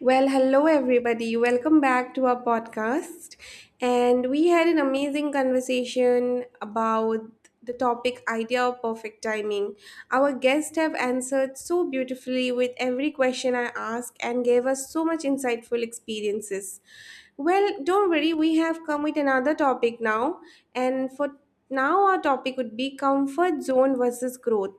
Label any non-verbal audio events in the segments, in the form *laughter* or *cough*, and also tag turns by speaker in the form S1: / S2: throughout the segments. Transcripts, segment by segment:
S1: Well, hello everybody. Welcome back to our podcast. And we had an amazing conversation about the topic idea of perfect timing. Our guests have answered so beautifully with every question I ask and gave us so much insightful experiences. Well, don't worry, we have come with another topic now. And for now, our topic would be comfort zone versus growth.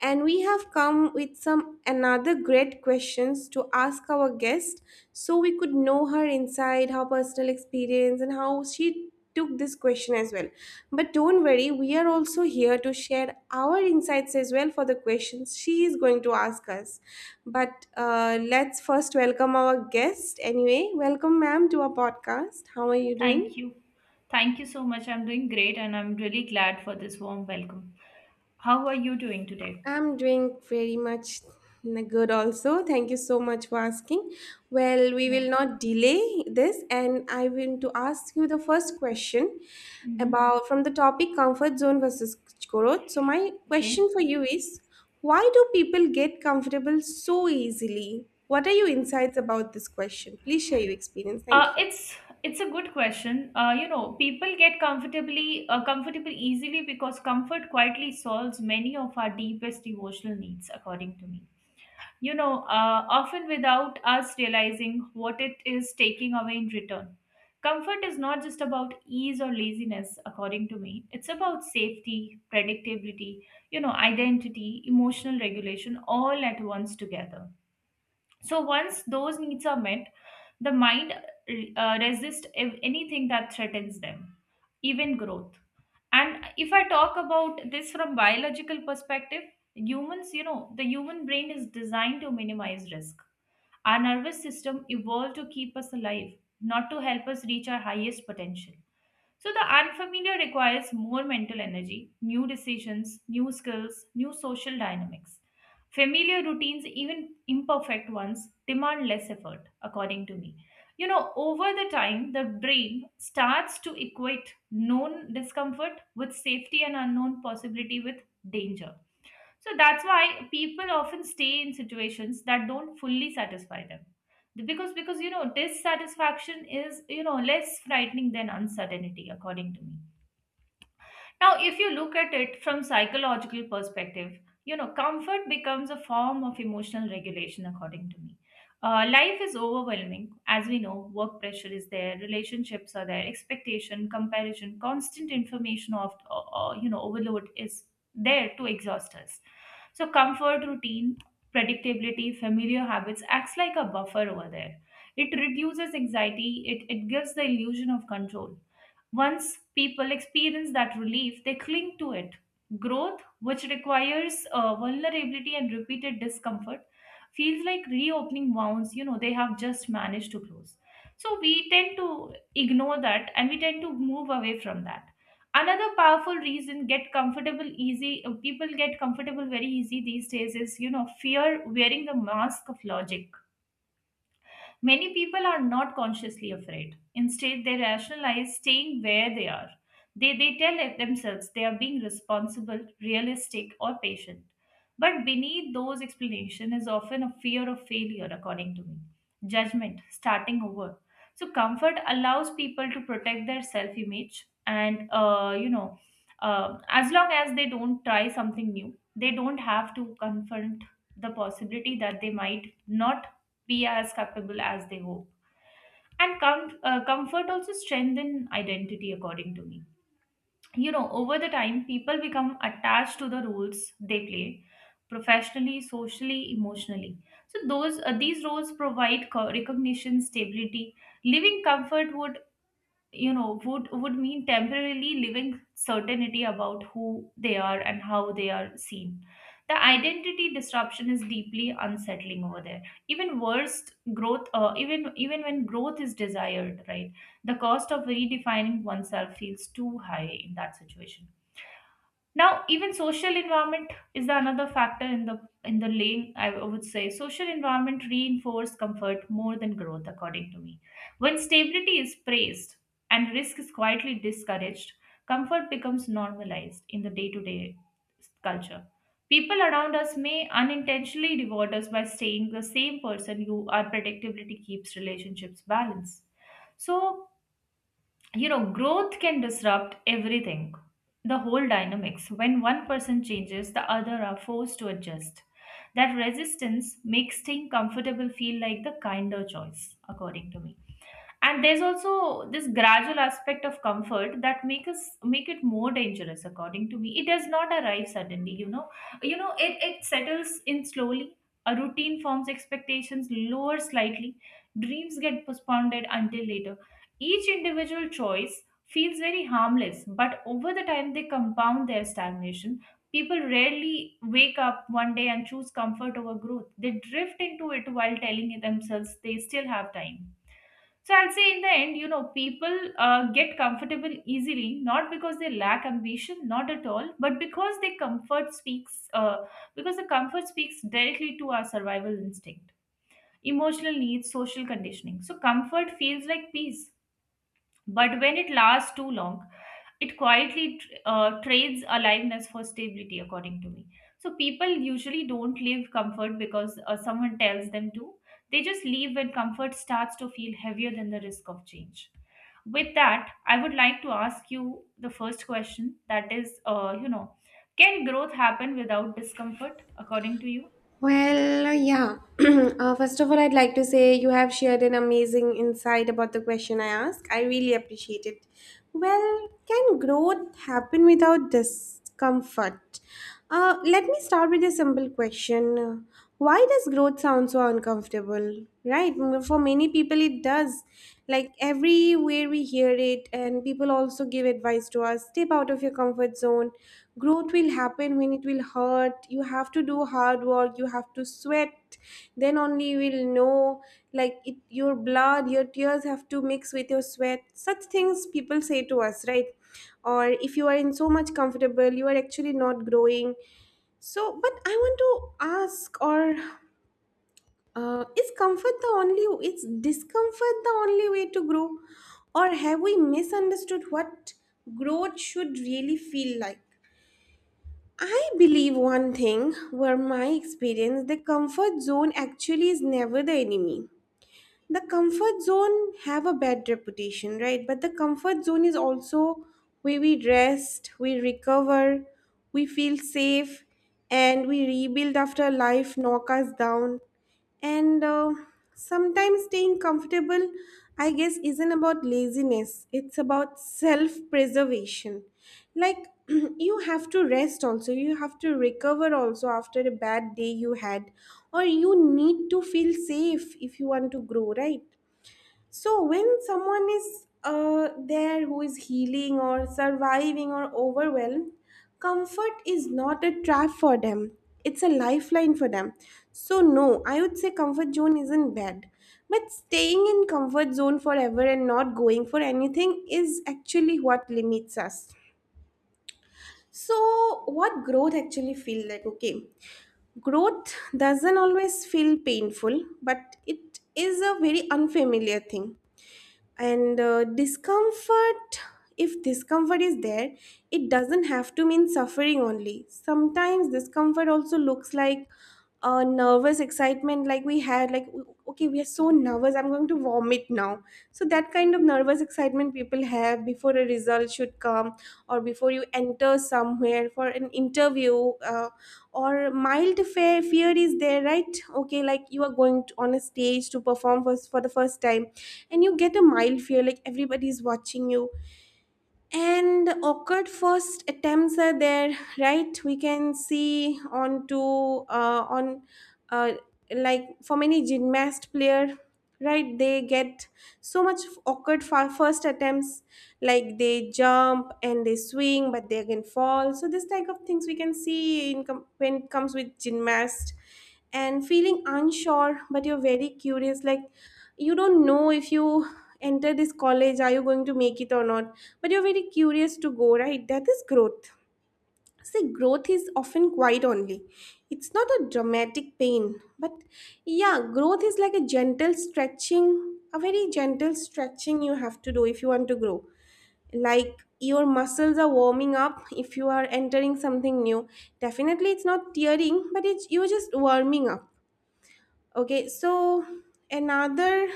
S1: And we have come with some another great questions to ask our guest so we could know her inside, her personal experience, and how she took this question as well. But don't worry, we are also here to share our insights as well for the questions she is going to ask us. But let's first welcome our guest anyway. Welcome, ma'am, to our podcast. How are you doing?
S2: Thank you. Thank you so much. I'm doing great and I'm really glad for this warm welcome. How are you doing today?
S1: I'm doing very much good also. Thank you so much for asking. Well, we
S2: Yeah.
S1: will not delay this, and I want to ask you the first question
S2: Hmm.
S1: about from the topic comfort zone versus growth. So, my
S2: Okay.
S1: question for you is why do people get comfortable so easily? What are your insights about this question? Please share your experience.
S2: Uh,
S1: Thank you.
S2: it's it's a good question. People get comfortably comfortable easily because comfort quietly solves many of our deepest emotional needs, according to me. Often without us realizing what it is taking away in return. Comfort is not just about ease or laziness, according to me. It's about safety, predictability, identity, emotional regulation all at once together. So once those needs are met, the mind resists anything that threatens them, even growth. And if I talk about this from biological perspective, the human brain is designed to minimize risk. Our nervous system evolved to keep us alive, not to help us reach our highest potential. So the unfamiliar requires more mental energy, new decisions, new skills, new social dynamics. Familiar routines, even imperfect ones, demand less effort, according to me. Over the time, the brain starts to equate known discomfort with safety and unknown possibility with danger. So that's why people often stay in situations that don't fully satisfy them. Because dissatisfaction is less frightening than uncertainty, according to me. Now, if you look at it from psychological perspective, comfort becomes a form of emotional regulation, according to me. Life is overwhelming. As we know, work pressure is there, relationships are there, expectation, comparison, constant information of overload is there to exhaust us. So comfort, routine, predictability, familiar habits acts like a buffer over there. It reduces anxiety, it gives the illusion of control. Once people experience that relief, they cling to it. Growth, which requires vulnerability and repeated discomfort, feels like reopening wounds they have just managed to close. So we tend to ignore that and we tend to move away from that. Another powerful reason get comfortable easy people get comfortable very easy these days is fear wearing the mask of logic. Many people are not consciously afraid. Instead, they rationalize staying where they are. They tell it themselves they are being responsible, realistic, or patient. But beneath those explanations is often a fear of failure, according to me, judgment, starting over. So, comfort allows people to protect their self image, and as long as they don't try something new, they don't have to confront the possibility that they might not be as capable as they hope. And comfort also strengthen identity, according to me. Over the time, people become attached to the roles they play professionally, socially, emotionally. So those these roles provide recognition, stability. Living comfort would you know would mean temporarily living certainty about who they are and how they are seen. The identity disruption is deeply unsettling over there. Even when growth is desired, right? The cost of redefining oneself feels too high in that situation. Now, even social environment is the another factor in the lane, I would say. Social environment reinforce comfort more than growth, according to me. When stability is praised and risk is quietly discouraged, comfort becomes normalized in the day-to-day culture. People around us may unintentionally reward us by staying the same person you are. Predictability keeps relationships balanced. So growth can disrupt everything, the whole dynamics. When one person changes, the other are forced to adjust. That resistance makes staying comfortable feel like the kinder choice, according to me. And there's also this gradual aspect of comfort that make it more dangerous, according to me. It does not arrive suddenly. It settles in slowly. A routine forms, expectations lower slightly, dreams get postponed until later. Each individual choice feels very harmless, but over the time they compound their stagnation. People rarely wake up one day and choose comfort over growth. They drift into it while telling themselves they still have time. So I'll say, in the end, people get comfortable easily, not because they lack ambition, not at all, but because because the comfort speaks directly to our survival instinct, emotional needs, social conditioning. So comfort feels like peace, but when it lasts too long, it quietly trades aliveness for stability, according to me. So people usually don't leave comfort because someone tells them to. They just leave when comfort starts to feel heavier than the risk of change. With that, I would like to ask you the first question, that is, can growth happen without discomfort, according to you?
S1: Well, yeah. *clears throat* First of all, I'd like to say you have shared an amazing insight about the question I asked. I really appreciate it. Well, can growth happen without discomfort? Let me start with a simple question. Why does growth sound so uncomfortable? Right? For many people, it does. Like everywhere we hear it, and people also give advice to us step out of your comfort zone. Growth will happen when it will hurt. You have to do hard work, you have to sweat. Then only you will know. Like it, your blood, your tears have to mix with your sweat. Such things people say to us, right? Or if you are in so much comfortable, you are actually not growing so, but I want to ask, or is comfort the only, is discomfort the only way to grow? Or have we misunderstood what growth should really feel like? I believe one thing, were my experience, the comfort zone actually is never the enemy. The comfort zone have a bad reputation, right? But the comfort zone is also where we rest, we recover, we feel safe, and we rebuild after life knock us down. And sometimes staying comfortable, I guess, isn't about laziness, it's about self preservation. Like, *clears throat* you have to rest also, you have to recover also after a bad day you had, or you need to feel safe if you want to grow, right? So, when someone is there who is healing or surviving or overwhelmed, comfort is not a trap for them. It's a lifeline for them. So, no, I would say comfort zone isn't bad. But staying in comfort zone forever and not going for anything is actually what limits us. So, what growth actually feel like? Okay, growth doesn't always feel painful, but it is a very unfamiliar thing. And discomfort, if discomfort is there, it doesn't have to mean suffering only. Sometimes discomfort also looks like a nervous excitement, like we had, like okay, we are so nervous, I'm going to vomit now. So that kind of nervous excitement people have before a result should come, or before you enter somewhere for an interview, uh, or mild fear. Fear is there, right? Okay, like you are going to, on a stage to perform for the first time, and you get a mild fear like everybody is watching you. And awkward first attempts are there, right? We can see on to on uh, like for many gymnast player, right? They get so much awkward for first attempts, like they jump and they swing but they again fall. So this type of things we can see in when it comes with gymnast. And feeling unsure but you're very curious, like you don't know if you enter this college are you going to make it or not, but you're very curious to go, right? That is growth. See, growth is often quiet only. It's not a dramatic pain, but yeah, growth is like a gentle stretching, a very gentle stretching you have to do if you want to grow. Like your muscles are warming up if you are entering something new. Definitely it's not tearing, but it's you're just warming up. Okay, so another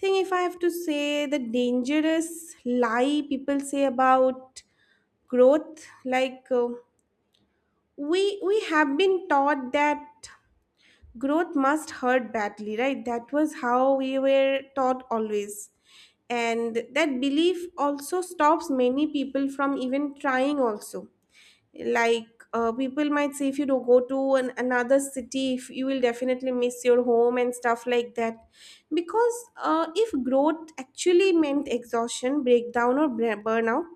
S1: thing, if I have to say the dangerous lie people say about growth, like we have been taught that growth must hurt badly, right? That was how we were taught always, and that belief also stops many people from even trying also. Like people might say if you don't go to an, another city if you will definitely miss your home and stuff like that. Because if growth actually meant exhaustion, breakdown, or burnout,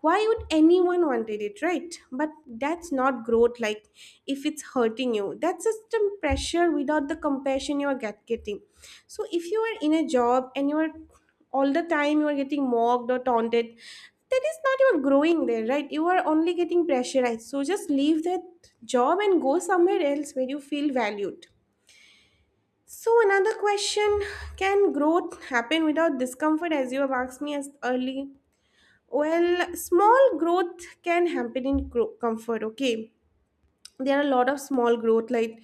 S1: why would anyone wanted it, right? But that's not growth. Like if it's hurting you, that's just a pressure without the compassion you are getting. So if you are in a job and you are all the time you are getting mocked or taunted, that is not your growing there, right? You are only getting pressurized, so just leave that job and go somewhere else where you feel valued. So another question, can growth happen without discomfort, as you have asked me as early? Well, small growth can happen in comfort. Okay, there are a lot of small growth, like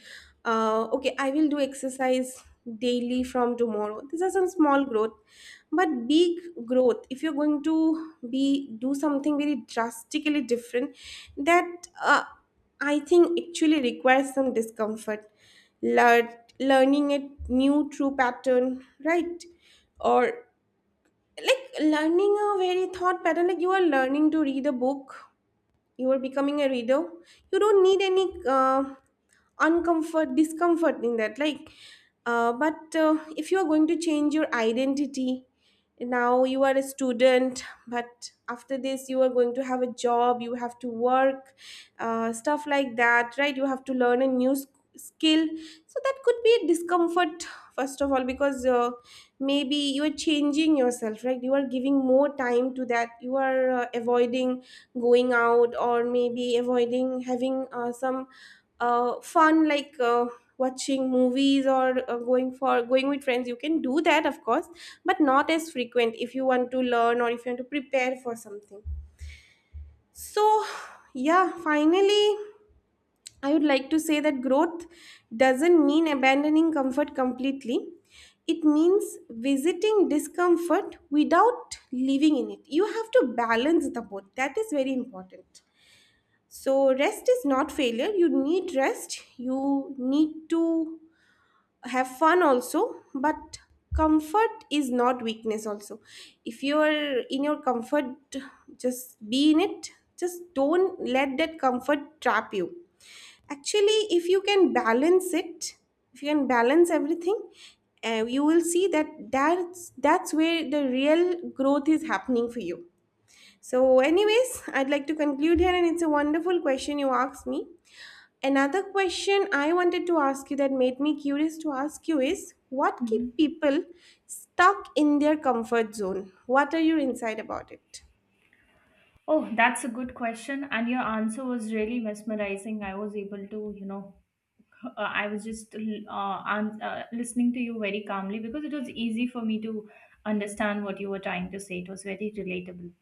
S1: okay, I will do exercise daily from tomorrow. These are some small growth. But big growth, if you're going to be do something very drastically different, that I think actually requires some discomfort. Learn, learning a new true pattern, right? Or like learning a very thought pattern, like you are learning to read a book, you are becoming a reader. You don't need any uncomfort discomfort in that. Like but if you are going to change your identity, now you are a student but after this you are going to have a job, you have to work, stuff like that, right? You have to learn a new skill. So that could be a discomfort. First of all, because maybe you are changing yourself, right? You are giving more time to that, you are avoiding going out, or maybe avoiding having some fun, like watching movies, or going for going with friends. You can do that, of course, but not as frequent if you want to learn or if you want to prepare for something. So yeah, finally, I would like to say that growth doesn't mean abandoning comfort completely. It means visiting discomfort without living in it. You have to balance the both, that is very important. So, rest is not failure. You need rest. You need to have fun also, but comfort is not weakness also. If you are in your comfort, just be in it. Just don't let that comfort trap you. Actually, if you can balance it, if you can balance everything, you will see that that's where the real growth is happening for you. So, anyways, I'd like to conclude here, and it's a wonderful question you asked me. Another question I wanted to ask you that made me curious to ask you is what keep
S2: Mhm.
S1: people stuck in their comfort zone? What are your insight about it?
S2: Oh, that's a good question. And your answer was really mesmerizing. I was just listening to you very calmly because it was easy for me to understand what you were trying to say. It was very relatable.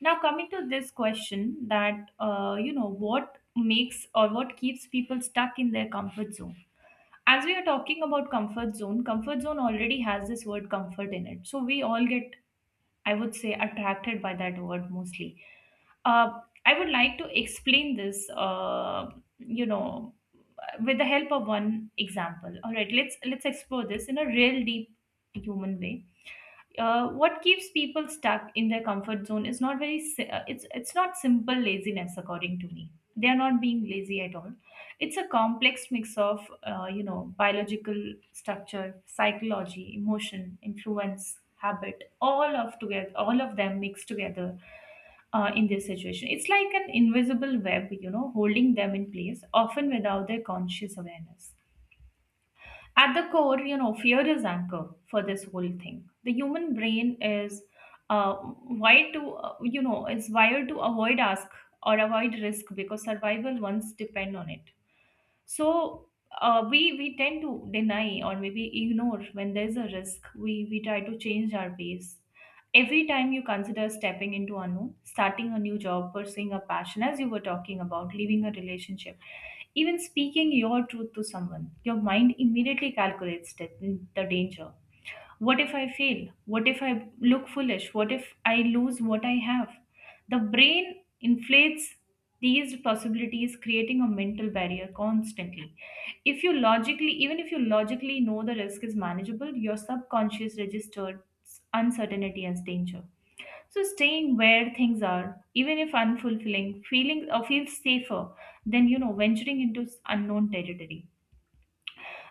S2: Now, coming to this question that, what makes or what keeps people stuck in their comfort zone? As we are talking about comfort zone already has this word comfort in it. So we all get, I would say, attracted by that word mostly. I would like to explain this, you know, with the help of one example. All right, let's explore this in a real deep human way. What keeps people stuck in their comfort zone is not very si- it's not simple laziness, according to me. They are not being lazy at all. It's a complex mix of biological structure, psychology, emotion, influence, habit, all of together, all of them mixed together. In this situation, it's like an invisible web, holding them in place, often without their conscious awareness. At the core, fear is anchor for this whole thing. The human brain is wired to, it's wired to avoid ask or avoid risk because survival once depend on it. So we tend to deny or maybe ignore when there's a risk, we try to change our ways. Every time you consider stepping into unknown, starting a new job, pursuing a passion as you were talking about, leaving a relationship, even speaking your truth to someone, your mind immediately calculates the danger. What if I fail? What if I look foolish? What if I lose what I have? The brain inflates these possibilities, creating a mental barrier constantly. If you logically, even if you logically know the risk is manageable, your subconscious registers uncertainty as danger. So staying where things are, even if unfulfilling, feeling or feels safer than venturing into unknown territory.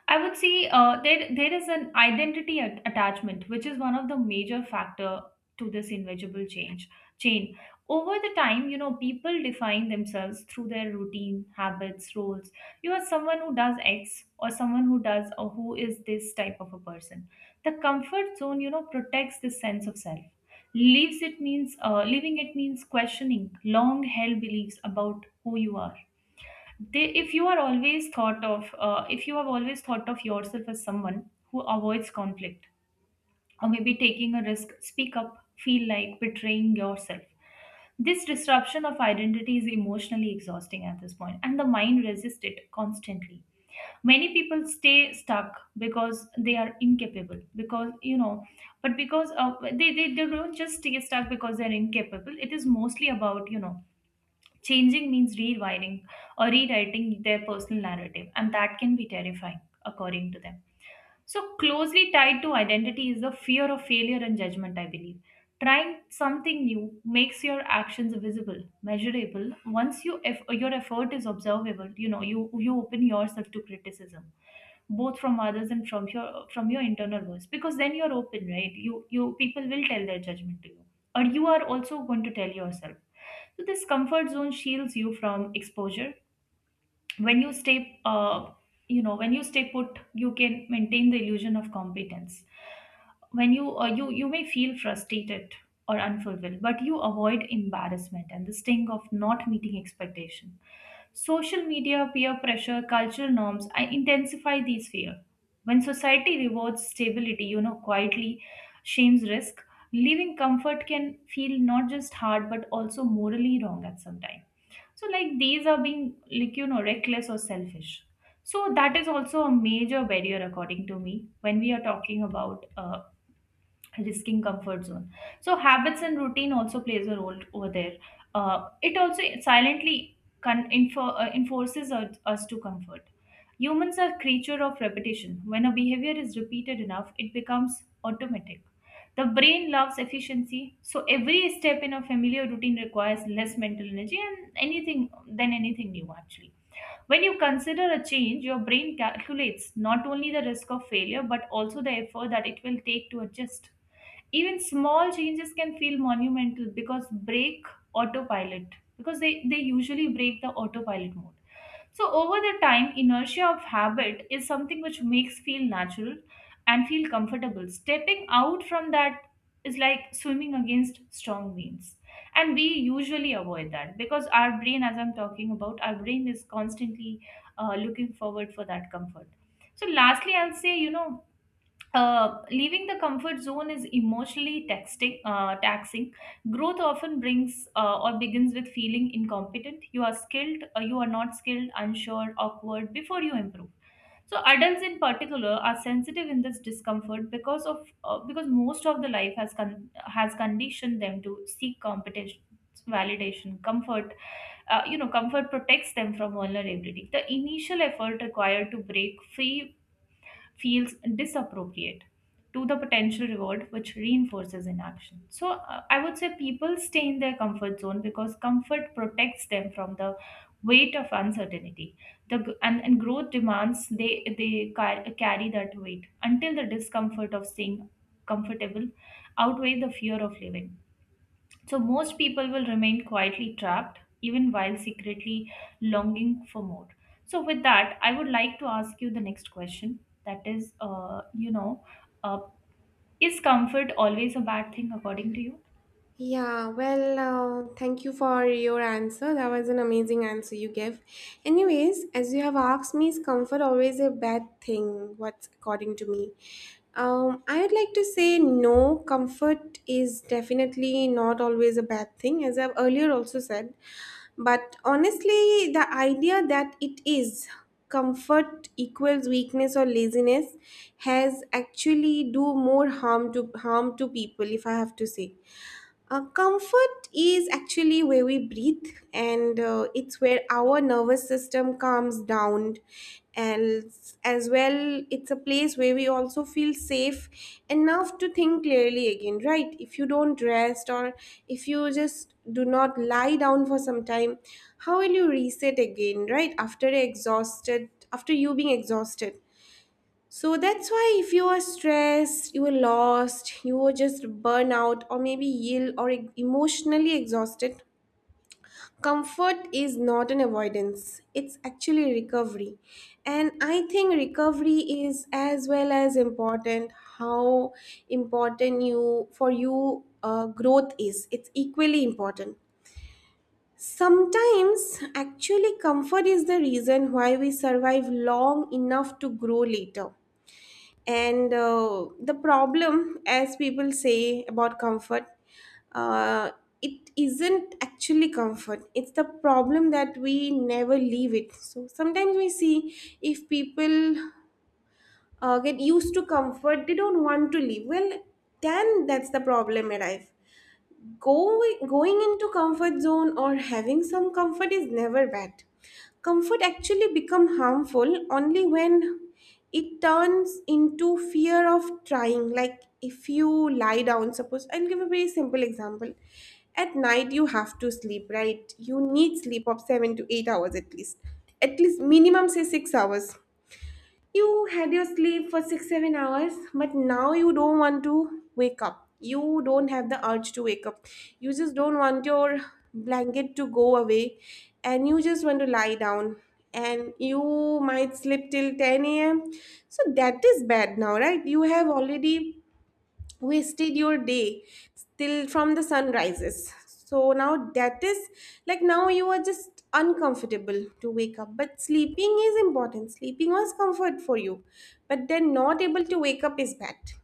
S2: I would say there is an identity attachment, which is one of the major factor to this invisible change chain. Over the time, people define themselves through their routine, habits, roles. You are someone who does X, or someone who does, or who is this type of a person. The comfort zone, protects this sense of self. Leaves it means leaving it means questioning long held beliefs about who you are. If you are always thought of if you have always thought of yourself as someone who avoids conflict, or maybe taking a risk, speak up, feel like betraying yourself. This disruption of identity is emotionally exhausting at this point, and the mind resists it constantly. Many people stay stuck because they are incapable, because but because they don't just stay stuck because they're incapable. It is mostly about changing means rewiring or rewriting their personal narrative, and that can be terrifying, according to them. So, closely tied to identity is the fear of failure and judgment, I believe. Trying something new makes your actions visible, measurable. Once you If your effort is observable, you open yourself to criticism, both from others and from your internal voice. Because then you're open, right? You, people will tell their judgment to you. Or you are also going to tell yourself. So this comfort zone shields you from exposure when you stay when you stay put you can maintain the illusion of competence when you may feel frustrated or unfulfilled, but you avoid embarrassment and the sting of not meeting expectation. Social media, peer pressure, cultural norms I intensify these fear. When society rewards stability, quietly shames risk, leaving comfort can feel not just hard but also morally wrong at some time. So like these are being reckless or selfish. So that is also a major barrier according to me when we are talking about risking comfort zone. So habits and routine also plays a role over there. It also silently enforces us to comfort. Humans are creature of repetition. When a behavior is repeated enough, it becomes automatic. The brain loves efficiency, so every step in a familiar routine requires less mental energy and anything than anything new actually. When you consider a change, your brain calculates not only the risk of failure but also the effort that it will take to adjust. Even small changes can feel monumental because break autopilot, because they usually break the autopilot mode. So over the time, inertia of habit is something which makes feel natural, and feel comfortable stepping out from that is like swimming against strong winds. And we usually avoid that because our brain, as I'm talking about, our brain is constantly looking forward for that comfort. So lastly, I'll say, leaving the comfort zone is emotionally taxing. Growth often brings or begins with feeling incompetent. You are not skilled, unsure, awkward before you improve. So adults in particular are sensitive in this discomfort because of because most of the life has has conditioned them to seek competition, validation, comfort. Comfort protects them from vulnerability. The initial effort required to break free feels disappropriate to the potential reward, which reinforces inaction. So I would say people stay in their comfort zone because comfort protects them from the weight of uncertainty. And growth demands they carry that weight until the discomfort of staying comfortable outweigh the fear of living. So most people will remain quietly trapped, even while secretly longing for more. So with that, I would like to ask you the next question. That is, uh, is comfort always a bad thing according to you?
S1: Yeah, well, thank you for your answer. That was an amazing answer you gave. Anyways, as you have asked me, is comfort always a bad thing? What's according to me? I would like to say no, comfort is definitely not always a bad thing, as I've earlier also said. But honestly, the idea that it is comfort equals weakness or laziness has actually do more harm to harm to people, if I have to say. Comfort is actually where we breathe, and it's where our nervous system calms down. And as well, it's a place where we also feel safe enough to think clearly again, right? If you don't rest, or if you just do not lie down for some time, how will you reset again, right? After exhausted, after you being exhausted. So that's why if you are stressed, you are lost, you are just burnout, or maybe ill or emotionally exhausted, comfort is not an avoidance. It's actually recovery. And I think recovery is as well as important how important you for you growth is. It's equally important. Sometimes actually comfort is the reason why we survive long enough to grow later. And the problem, as people say about comfort, uh, it isn't actually comfort. It's the problem that we never leave it. So sometimes we see if people get used to comfort, they don't want to leave. Well, then that's the problem in life. Going into comfort zone or having some comfort is never bad. Comfort actually become harmful only when it turns into fear of trying. Like if you lie down, suppose I'll give a very simple example. At night you have to sleep, right? You need sleep of 7 to 8 hours at least. At least minimum say 6 hours. You had your sleep for six, 7 hours, but now you don't want to wake up. You don't have the urge to wake up. You just don't want your blanket to go away and you just want to lie down. And you might sleep till 10 a.m. So that is bad now, right? You have already wasted your day till from the sun rises. So now that is like, now you are just uncomfortable to wake up, but sleeping is important. Sleeping was comfort for you, but then not able to wake up is bad.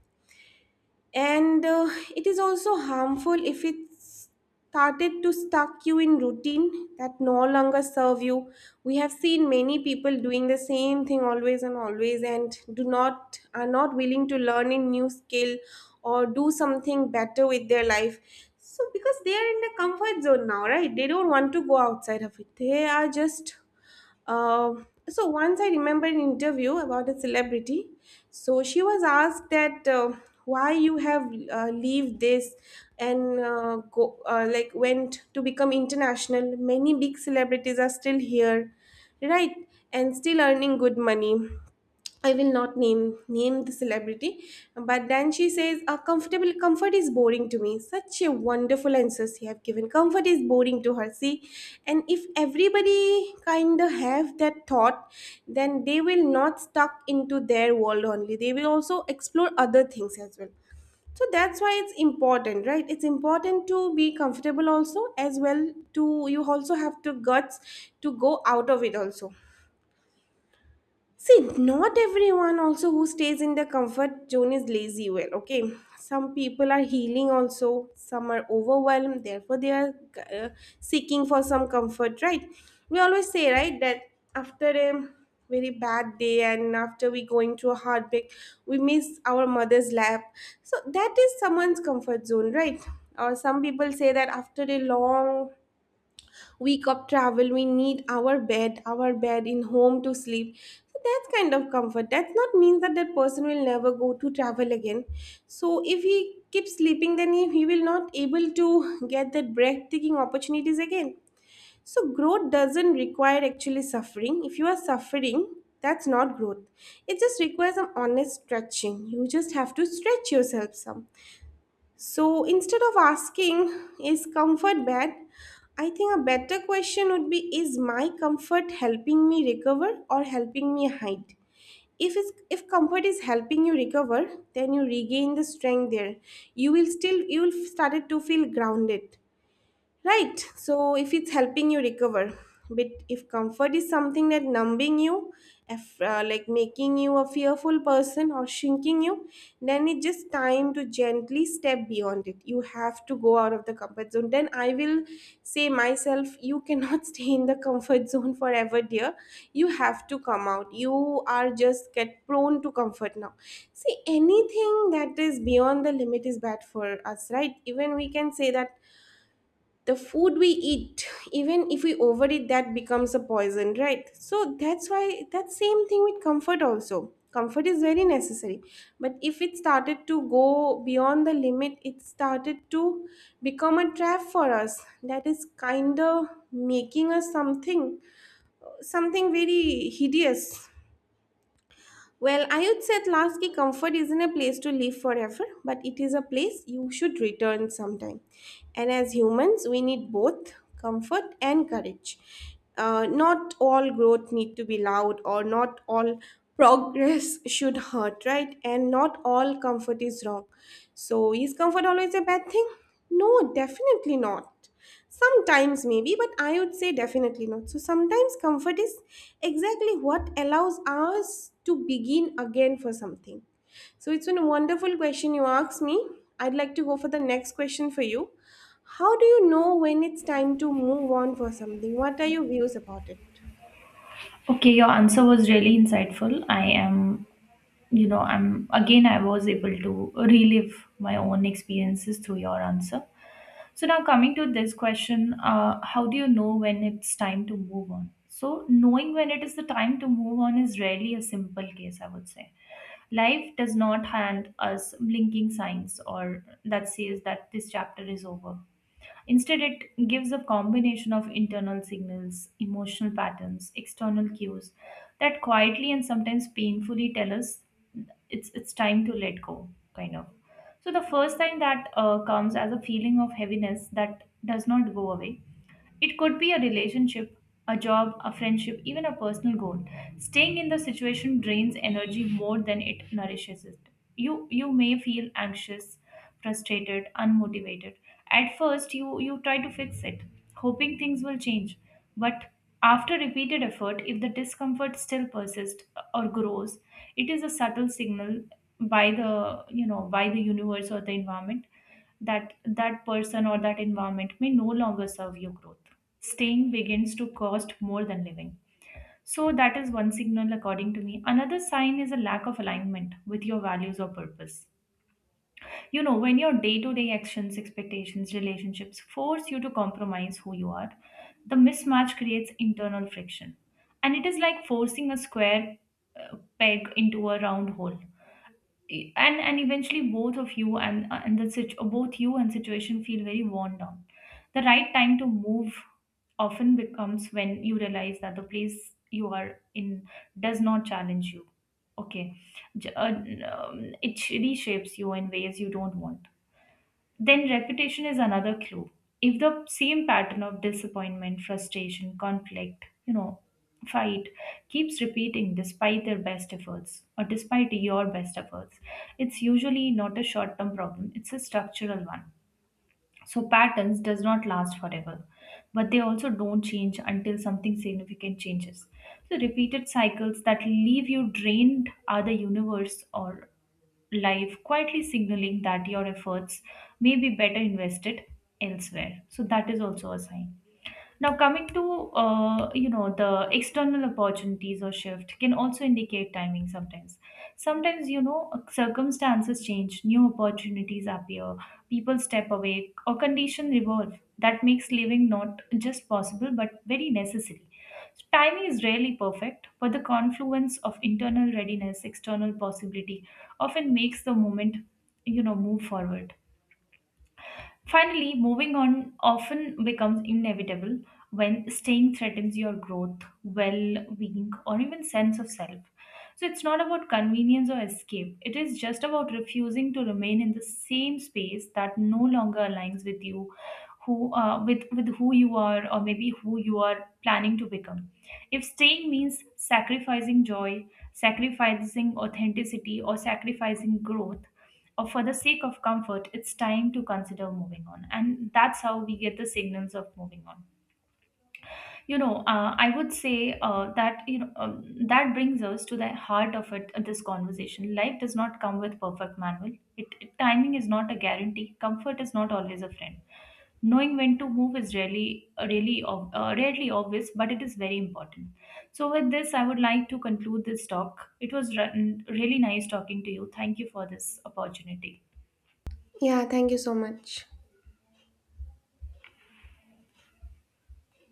S1: And It is also harmful if it started to stuck you in routine that no longer serve you. We have seen many people doing the same thing always and always, and do not are not willing to learn a new skill or do something better with their life. So because they are in the comfort zone now, right, they don't want to go outside of it. They are just so, once I remember an interview about a celebrity. So she was asked that why you have leave this and go like, went to become international. Many big celebrities are still here, right? And still earning good money. I will not name the celebrity, but then she says, "A comfortable comfort is boring to me." Such a wonderful answers you have given. Comfort is boring to her. See, and if everybody kind of have that thought, then they will not stuck into their world only. They will also explore other things as well. So that's why it's important, right? It's important to be comfortable also as well. To, you also have to guts to go out of it also. See, not everyone also who stays in the comfort zone is lazy. Well, okay, some people are healing also, some are overwhelmed, therefore, they are uh, seeking for some comfort, right? We always say, right, that after a very bad day and after we going through a heartbreak, we miss our mother's lap. So, that is someone's comfort zone, right? Or some people say that after a long week of travel we need our bed, our bed in home to sleep. So that's kind of comfort. That's not means that that person will never go to travel again. So if he keeps sleeping, then he will not able to get that breathtaking opportunities again. So growth doesn't require actually suffering. If you are suffering, that's not growth. It just requires some honest stretching. You just have to stretch yourself some. So instead of asking, is comfort bad? I think a better question would be, is my comfort helping me recover or helping me hide? If comfort is helping you recover, then you regain the strength there. You will started to feel grounded. Right. So if it's helping you recover, but if comfort is something that numbing you, if, like, making you a fearful person or shrinking you, then it's just time to gently step beyond it. You have to go out of the comfort zone. Then I will say myself, you cannot *laughs* stay in the comfort zone forever, dear. You have to come out. You are just get prone to comfort now. See, anything that is beyond the limit is bad for us, right? Even we can say that the food we eat, even if we overeat, that becomes a poison, right? So that's why, that same thing with comfort also. Comfort is very necessary, but if it started to go beyond the limit, it started to become a trap for us. That is kind of making us something, something very hideous. Well, I would say at last, Atlaski, comfort isn't a place to live forever, but it is a place you should return sometime. And as humans, we need both comfort and courage. Not all growth need to be loud, or not all progress *laughs* should hurt, right? And not all comfort is wrong. So, is comfort always a bad thing? No, definitely not. Sometimes, maybe, but I would say definitely not. So, sometimes comfort is exactly what allows us to begin again for something. So, it's a wonderful question you asked me. I'd like to go for the next question for you. How do you know when it's time to move on for something? What are your views about it?
S2: Okay, your answer was really insightful. I am, you know, I'm again I was able to relive my own experiences through your answer. So now coming to this question, how do you know when it's time to move on? So knowing when it is the time to move on is rarely a simple case, I would say. Life does not hand us blinking signs or that says that this chapter is over. Instead, it gives a combination of internal signals, emotional patterns, external cues that quietly and sometimes painfully tell us it's time to let go, kind of. So the first thing that comes as a feeling of heaviness that does not go away. It could be a relationship, a job, a friendship, even a personal goal. Staying in the situation drains energy more than it nourishes it. You may feel anxious, frustrated, unmotivated. At first you try to fix it, hoping things will change. But after repeated effort, if the discomfort still persists or grows, it is a subtle signal by the by the universe or the environment that that person or that environment may no longer serve your growth. Staying begins to cost more than living. So that is one signal according to me. Another sign is a lack of alignment with your values or purpose. You know, when your day-to-day actions, expectations, relationships force you to compromise who you are, the mismatch creates internal friction. And it is like forcing a square peg into a round hole, and eventually both you and situation feel very worn down. The right time to move often becomes when you realize that the place you are in does not challenge you. Okay. It reshapes you in ways you don't want. Then reputation is another clue. If the same pattern of disappointment, frustration, conflict, you know, fight keeps repeating despite their best efforts or despite your best efforts, it's usually not a short term problem, it's a structural one. So patterns does not last forever, but they also don't change until something significant changes. So repeated cycles that leave you drained are the universe or life quietly signaling that your efforts may be better invested elsewhere. So that is also a sign. Now, coming to the external opportunities or shift can also indicate timing. Sometimes you know circumstances change, new opportunities appear, people step away, or conditions evolve. That makes living not just possible but very necessary. So timing is rarely perfect, but the confluence of internal readiness, external possibility, often makes the moment move forward. Finally, moving on often becomes inevitable when staying threatens your growth, well being, or even sense of self. So it's not about convenience or escape, it is just about refusing to remain in the same space that no longer aligns with you. With with who you are, or maybe who you are planning to become. If staying means sacrificing joy, sacrificing authenticity, or sacrificing growth, or for the sake of comfort, it's time to consider moving on. And that's how we get the signals of moving on. I would say that brings us to the heart of it, this conversation. Life does not come with perfect manual. Timing is not a guarantee. Comfort is not always a friend. Knowing when to move is rarely obvious, but it is very important. So, with this, I would like to conclude this talk. It was really nice talking to you. Thank you for this opportunity.
S1: Yeah, thank you so much.